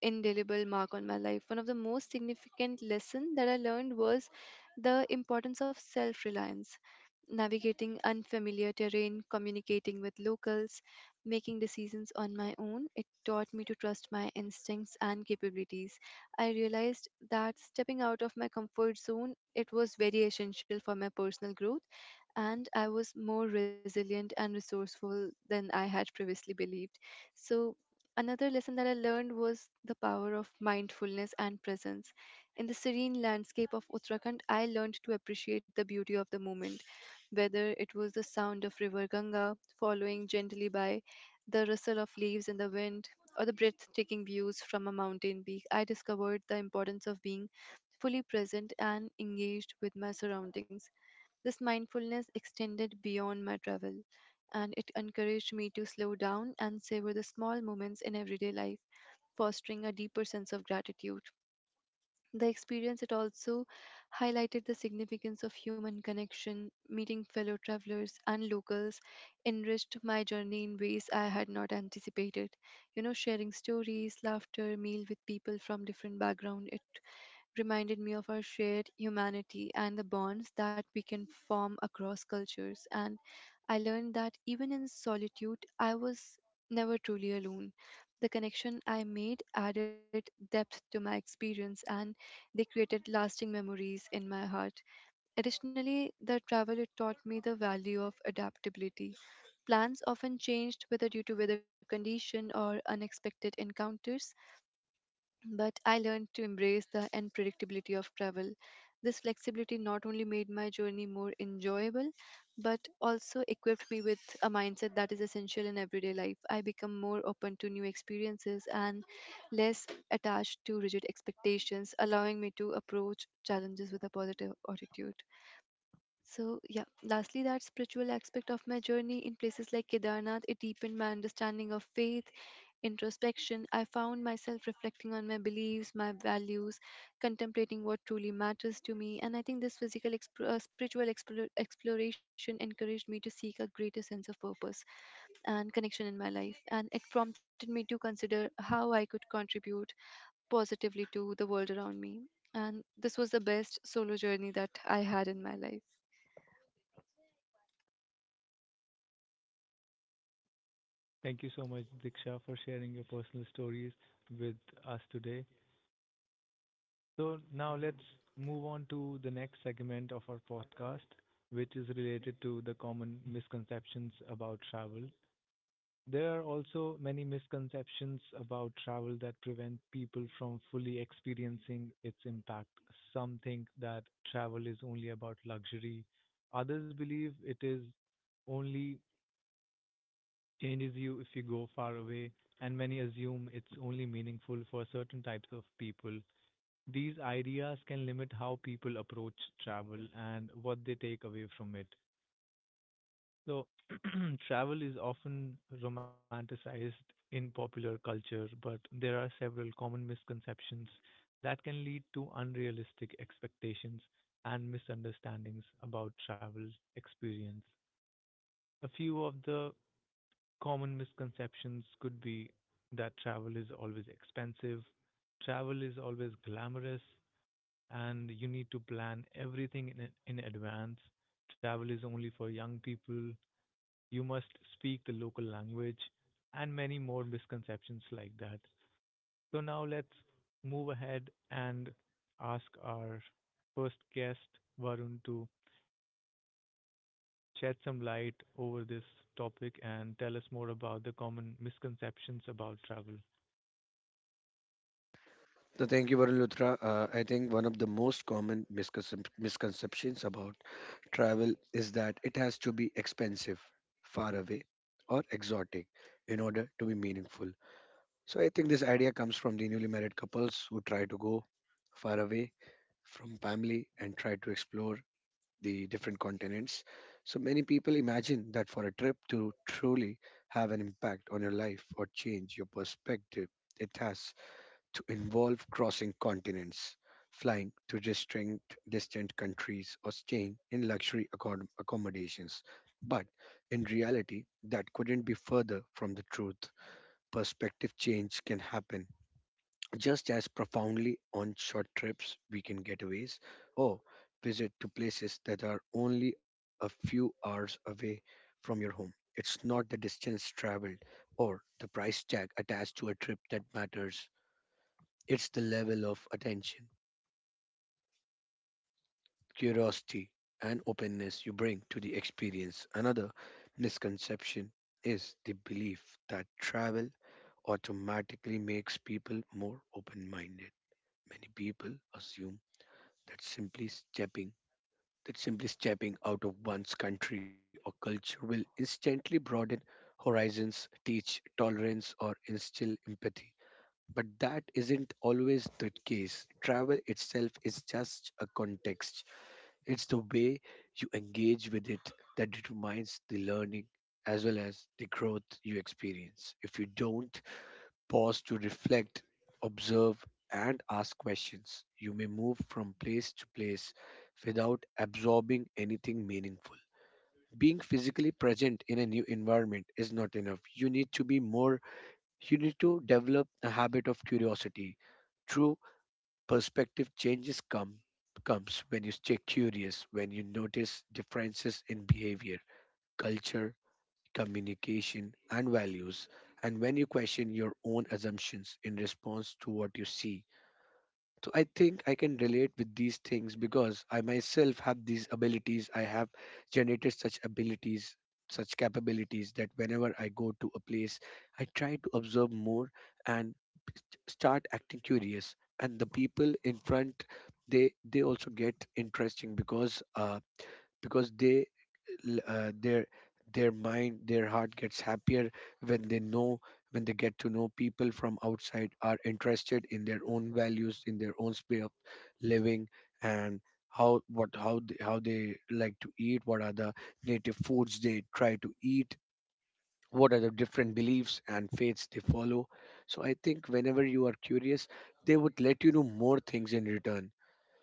indelible mark on my life. One of the most significant lesson that I learned was the importance of self reliance, navigating unfamiliar terrain, communicating with locals, making decisions on my own. It taught me to trust my instincts and capabilities. I realized that stepping out of my comfort zone it was very essential for my personal growth, and I was more resilient and resourceful than I had previously believed. So, another lesson that I learned was the power of mindfulness and presence. In the serene landscape of Uttarakhand, I learned to appreciate the beauty of the moment, whether it was the sound of river Ganga following gently by, the rustle of leaves in the wind, or the breathtaking views from a mountain peak. I discovered the importance of being fully present and engaged with my surroundings. This mindfulness extended beyond my travel, and it encouraged me to slow down and savor the small moments in everyday life, fostering a deeper sense of gratitude. The experience it also highlighted the significance of human connection. Meeting fellow travelers and locals enriched my journey in ways I had not anticipated. You know, sharing stories, laughter, meal with people from different background, it reminded me of our shared humanity and the bonds that we can form across cultures. And I learned that even in solitude, I was never truly alone. The connection I made added depth to my experience, and they created lasting memories in my heart. Additionally, the travel it taught me the value of adaptability. Plans often changed whether due to weather condition or unexpected encounters, but I learned to embrace the unpredictability of travel. This flexibility not only made my journey more enjoyable, but also equipped me with a mindset that is essential in everyday life. I become more open to new experiences and less attached to rigid expectations, allowing me to approach challenges with a positive attitude. So, yeah, lastly, that spiritual aspect of my journey in places like Kedarnath, it deepened my understanding of faith, introspection. I found myself reflecting on my beliefs, my values, contemplating what truly matters to me. And I think this physical, exp- uh, spiritual explor- exploration encouraged me to seek a greater sense of purpose and connection in my life. And it prompted me to consider how I could contribute positively to the world around me. And this was the best solo journey that I had in my life.
Thank you so much, Diksha, for sharing your personal stories with us today. So now let's move on to the next segment of our podcast, which is related to the common misconceptions about travel. There are also many misconceptions about travel that prevent people from fully experiencing its impact. Some think that travel is only about luxury. Others believe it is only changes you if you go far away, and many assume it's only meaningful for certain types of people. These ideas can limit how people approach travel and what they take away from it. So, travel is often romanticized in popular culture, but there are several common misconceptions that can lead to unrealistic expectations and misunderstandings about travel experience. A few of the common misconceptions could be that travel is always expensive, travel is always glamorous, and you need to plan everything in, in advance. Travel is only for young people. You must speak the local language and many more misconceptions like that. So now let's move ahead and ask our first guest Varun to shed some light over this topic and tell us more about the common misconceptions about travel.
So thank you, Varulutra. Uh, I think one of the most common misconcep- misconceptions about travel is that it has to be expensive, far away, or exotic in order to be meaningful. So I think this idea comes from the newly married couples who try to go far away from family and try to explore the different continents. So many people imagine that for a trip to truly have an impact on your life or change your perspective, it has to involve crossing continents, flying to distant distant countries, or staying in luxury accom- accommodations. But in reality, that couldn't be further from the truth. Perspective change can happen just as profoundly on short trips, weekend getaways, or visit to places that are only a few hours away from your home. It's not the distance traveled or the price tag attached to a trip that matters. It's the level of attention, curiosity, and openness you bring to the experience. Another misconception is the belief that travel automatically makes people more open minded. Many people assume that simply stepping that simply stepping out of one's country or culture will instantly broaden horizons, teach tolerance, or instill empathy. But that isn't always the case. Travel itself is just a context. It's the way you engage with it that determines the learning as well as the growth you experience. If you don't pause to reflect, observe, and ask questions, you may move from place to place without absorbing anything meaningful. Being physically present in a new environment is not enough. You need to be more, you need to develop a habit of curiosity. True Perspective changes come comes when you stay curious, when you notice differences in behavior, culture, communication, and values, and when you question your own assumptions in response to what you see. So I think I can relate with these things because I myself have these abilities. I have generated such abilities, such capabilities that whenever I go to a place, I try to observe more and start acting curious, and the people in front, they they also get interesting because uh because they l- uh, their their mind their heart gets happier when they know, when they get to know people from outside are interested in their own values, in their own way of living, and how what how they, how they like to eat, what are the native foods they try to eat, what are the different beliefs and faiths they follow. So I think whenever you are curious, they would let you know more things in return.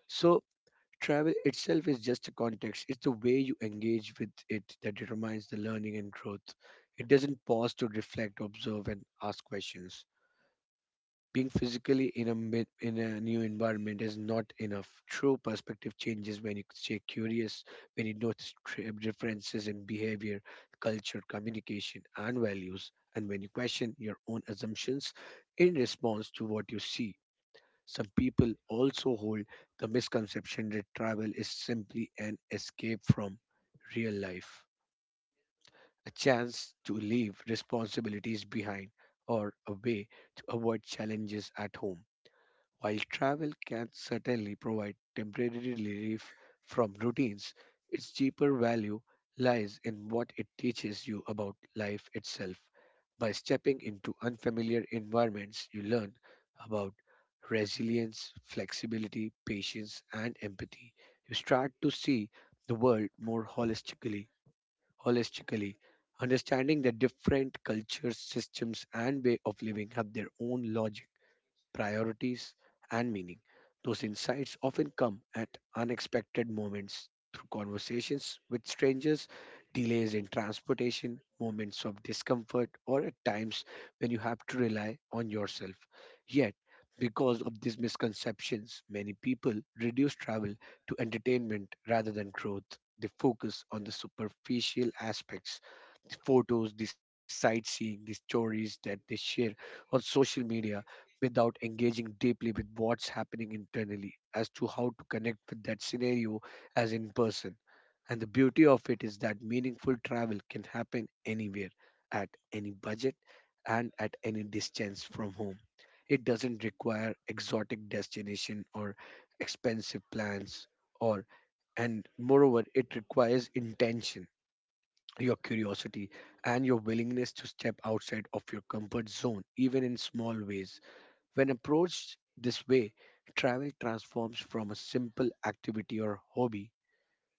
So travel itself is just a context, it's the way you engage with it that determines the learning and growth. It doesn't pause to reflect, observe, and ask questions. Being physically in a mi- in a new environment is not enough. True perspective changes when you stay curious, when you notice tra- differences in behavior, culture, communication, and values, and when you question your own assumptions in response to what you see. Some people also hold the misconception that travel is simply an escape from real life, a chance to leave responsibilities behind, or a way to avoid challenges at home. While travel can certainly provide temporary relief from routines, its deeper value lies in what it teaches you about life itself. By stepping into unfamiliar environments, you learn about resilience, flexibility, patience, and empathy. You start to see the world more holistically, holistically, understanding that different cultures, systems, and way of living have their own logic, priorities, and meaning. Those insights often come at unexpected moments through conversations with strangers, delays in transportation, moments of discomfort, or at times when you have to rely on yourself. Yet, because of these misconceptions, many people reduce travel to entertainment rather than growth. They focus on the superficial aspects: photos, the sightseeing, the stories that they share on social media without engaging deeply with what's happening internally as to how to connect with that scenario as in person. And the beauty of it is that meaningful travel can happen anywhere, at any budget, and at any distance from home. It doesn't require exotic destination or expensive plans, or and moreover it requires intention, your curiosity, and your willingness to step outside of your comfort zone, even in small ways. When approached this way, travel transforms from a simple activity or hobby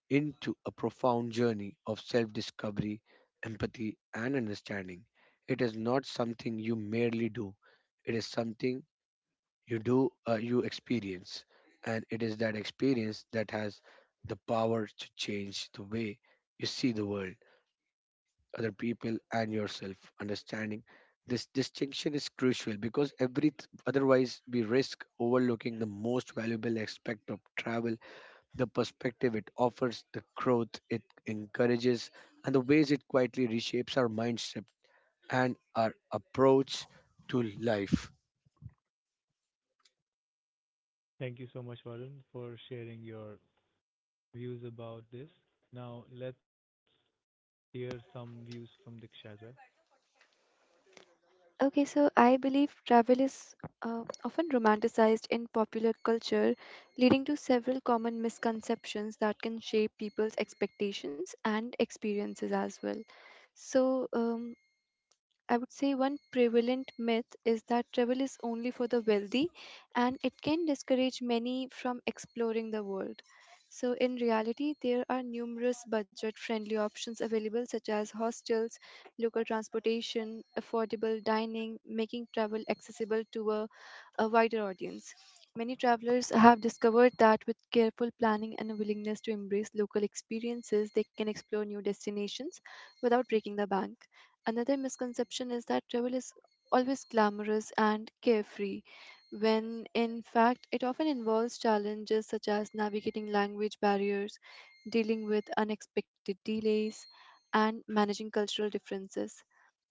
into a profound journey of self discovery, empathy, and understanding. It is not something you merely do, it is something you do, uh, you experience. And it is that experience that has the power to change the way you see the world, other people, and yourself. Understanding this distinction is crucial, because every th- otherwise we risk overlooking the most valuable aspect of travel: the perspective it offers, the growth it encourages, and the ways it quietly reshapes our mindset and our approach to life.
Thank you so much Varun for sharing your views about this. Now let's hear some views from Diksha as well.
Okay, so I believe travel is uh, often romanticized in popular culture, leading to several common misconceptions that can shape people's expectations and experiences as well. So, um, I would say one prevalent myth is that travel is only for the wealthy, and it can discourage many from exploring the world. So, in reality, there are numerous budget friendly options available, such as hostels, local transportation, affordable dining, making travel accessible to a, a wider audience. Many travelers have discovered that with careful planning and a willingness to embrace local experiences, they can explore new destinations without breaking the bank. Another misconception is that travel is always glamorous and carefree, when in fact it often involves challenges such as navigating language barriers, dealing with unexpected delays, and managing cultural differences.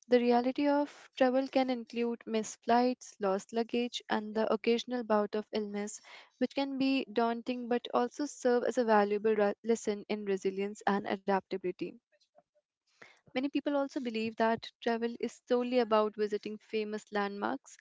The reality of travel can include missed flights, lost luggage, and the occasional bout of illness, which can be daunting but also serve as a valuable ra- lesson in resilience and adaptability. Many people also believe that travel is solely about visiting famous landmarks,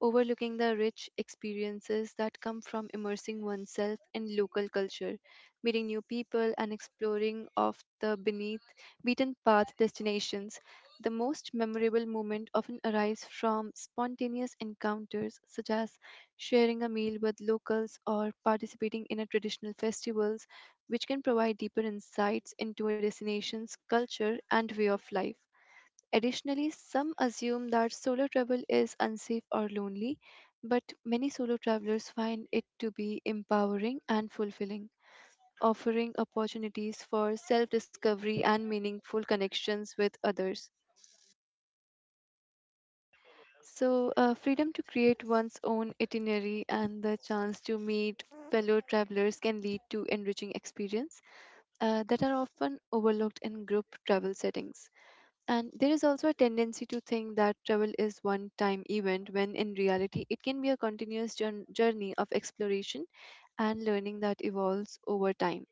overlooking the rich experiences that come from immersing oneself in local culture, meeting new people, and exploring of the beneath beaten path destinations. The most memorable moment often arise from spontaneous encounters, such as sharing a meal with locals or participating in a traditional festivals, which can provide deeper insights into a destination's culture and way of life. Additionally, some assume that solo travel is unsafe or lonely, but many solo travelers find it to be empowering and fulfilling, offering opportunities for self discovery and meaningful connections with others. So, uh, freedom to create one's own itinerary and the chance to meet fellow travelers can lead to enriching experience uh, that are often overlooked in group travel settings. And there is also a tendency to think that travel is one time event when in reality it can be a continuous jour- journey of exploration and learning that evolves over time.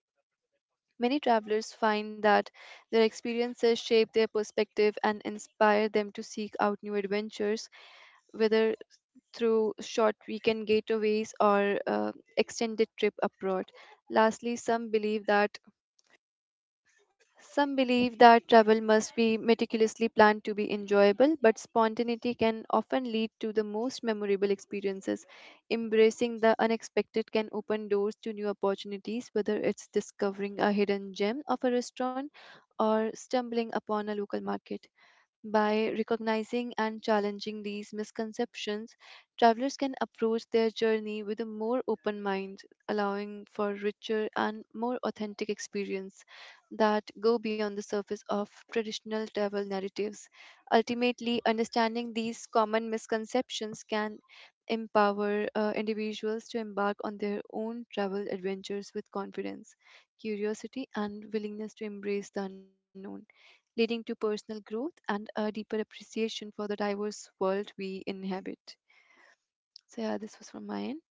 Many travelers find that their experiences shape their perspective and inspire them to seek out new adventures, whether through short weekend getaways or uh, extended trip abroad. Lastly, some believe that some believe that travel must be meticulously planned to be enjoyable, but spontaneity can often lead to the most memorable experiences. Embracing the unexpected can open doors to new opportunities, whether it's discovering a hidden gem of a restaurant or stumbling upon a local market. By recognizing and challenging these misconceptions, travelers can approach their journey with a more open mind, allowing for richer and more authentic experience that go beyond the surface of traditional travel narratives. Ultimately, understanding these common misconceptions can empower uh, individuals to embark on their own travel adventures with confidence, curiosity, and willingness to embrace the unknown, leading to personal growth and a deeper appreciation for the diverse world we inhabit. So, yeah, this was from my end.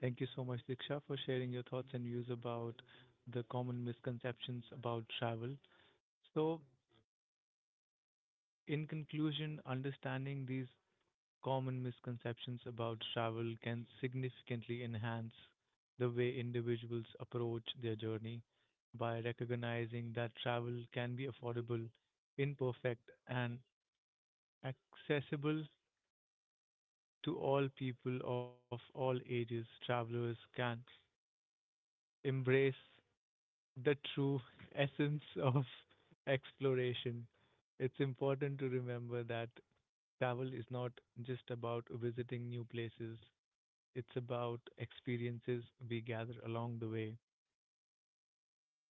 Thank you so much, Diksha, for sharing your thoughts and views about the common misconceptions about travel. So, in conclusion, understanding these common misconceptions about travel can significantly enhance the way individuals approach their journey by recognizing that travel can be affordable, imperfect, and accessible to all people of all ages. Travelers can embrace the true essence of exploration. It's important to remember that travel is not just about visiting new places, it's about experiences we gather along the way,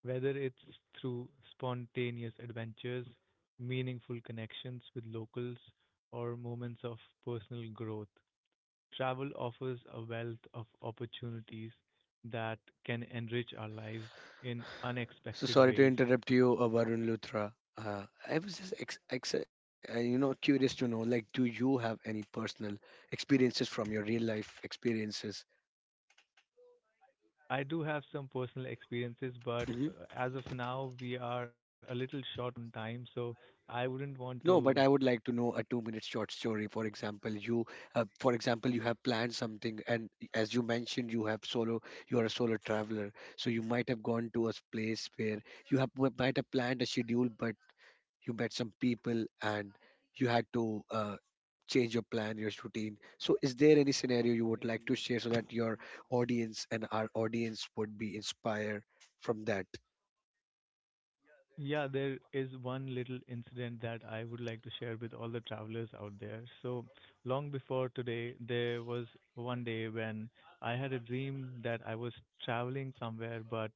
whether it's through spontaneous adventures, meaningful connections with locals, or moments of personal growth. Travel offers a wealth of opportunities that can enrich our lives in
So
unexpected
sorry to
ways.
interrupt you, uh, Varun Luthra. Uh, i was just ex- ex- uh, you know, curious to know, like, do you have any personal experiences from your real life experiences?
I do have some personal experiences, but
Hmm.
uh, as of now, we are a little short on time, so I wouldn't want
No, but
to.
I would like to know a two-minute short story. For example, you, uh, for example, you have planned something, and as you mentioned, you have solo, you are a solo traveler, so you might have gone to a s- place where you have w- might have planned a schedule, but you met some people and you had to uh, change your plan, your routine. So, is there any scenario you would like to share so that your audience and our audience would be inspired from that?
Yeah, there is one little incident that I would like to share with all the travelers out there. So, long before today, there was one day when I had a dream that I was traveling somewhere, but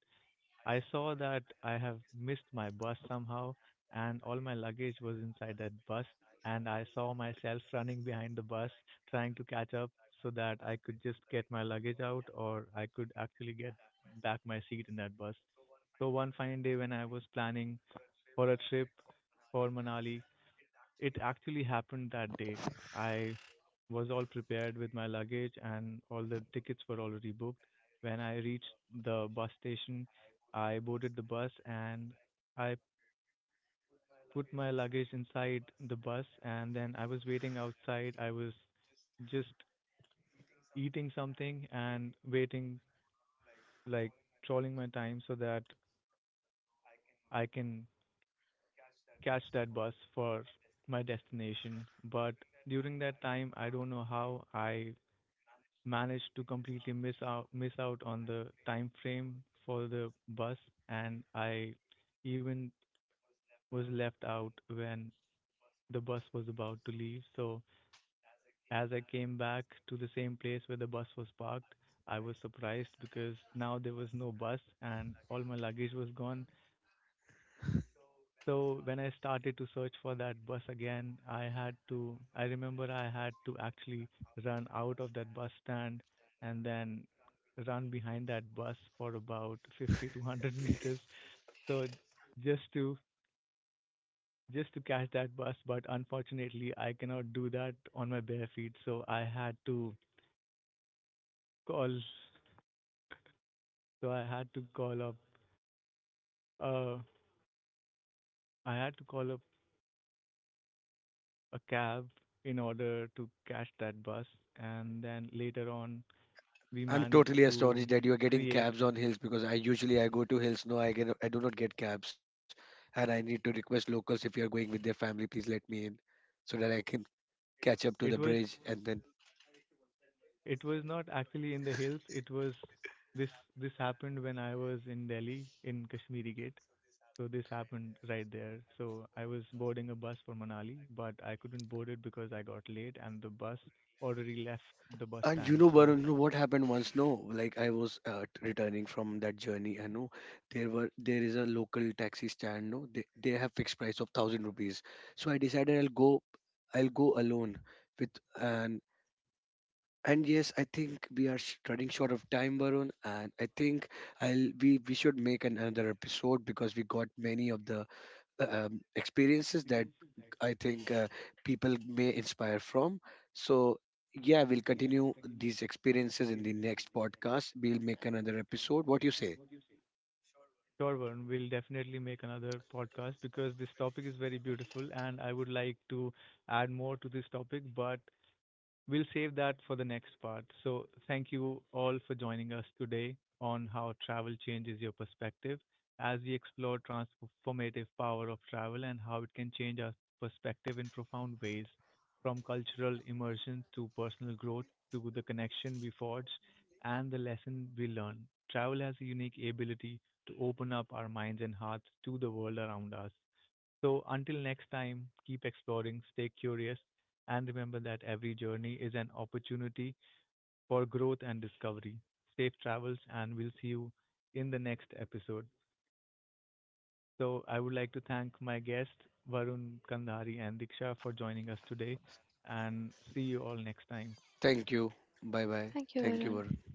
I saw that I have missed my bus somehow, and all my luggage was inside that bus. And I saw myself running behind the bus, trying to catch up so that I could just get my luggage out or I could actually get back my seat in that bus. So, one fine day when I was planning for a trip for Manali, it actually happened that day. I was all prepared with my luggage and all the tickets were already booked. When I reached the bus station, I boarded the bus and I put my luggage inside the bus and then I was waiting outside. I was just eating something and waiting, like trolling my time so that I can catch that bus for my destination. But during that time, I don't know how I managed to completely miss out miss out on the time frame for the bus and I even was left out when the bus was about to leave. So as I came back to the same place where the bus was parked, I was surprised because now there was no bus and all my luggage was gone. So when I started to search for that bus again, I had to, I remember I had to actually run out of that bus stand and then run behind that bus for about fifty to one hundred meters. So just to, just to catch that bus. But unfortunately, I cannot do that on my bare feet. So I had to call, so I had to call up, uh, I had to call up a cab in order to catch that bus. And then later on, we
I'm
managed
totally
to
astonished that you're getting
create.
cabs on hills, because I usually, I go to hills. No, I get I do not get cabs, and I need to request locals, if you are going with their family, please let me in, so that I can catch up to
It
the
was
bridge and then.
it was not actually in the hills. It was this this happened when I was in Delhi in Kashmiri Gate. So this happened right there. So I was boarding a bus for Manali, but I couldn't board it because I got late and the bus already left the bus
And you
stand.
know,
So
Varun, you know what happened once? No, like I was uh, t- returning from that journey, and no, there were there is a local taxi stand. No, they they have fixed price of thousand rupees. So I decided I'll go, I'll go alone with, and and yes, I think we are sh- running short of time, Varun, and I think I'll we we should make an, another episode, because we got many of the uh, um, experiences that I think uh, people may inspire from. So, yeah, we'll continue these experiences in the next podcast. We'll make another episode. What you say?
sure, Varun, we'll definitely make another podcast because this topic is very beautiful and I would like to add more to this topic, but we'll save that for the next part. So, thank you all for joining us today on how travel changes your perspective as we explore transformative power of travel and how it can change our perspective in profound ways from cultural immersion to personal growth to the connection we forge and the lesson we learn. Travel has a unique ability to open up our minds and hearts to the world around us. So until next time, keep exploring, stay curious, and remember that every journey is an opportunity for growth and discovery. Safe travels, and we'll see you in the next episode. So I would like to thank my guests, Varun Kandhari and Diksha, for joining us today, and see you all next time.
Thank you. Bye bye.
Thank you,
Thank you,
Varun.
Varun.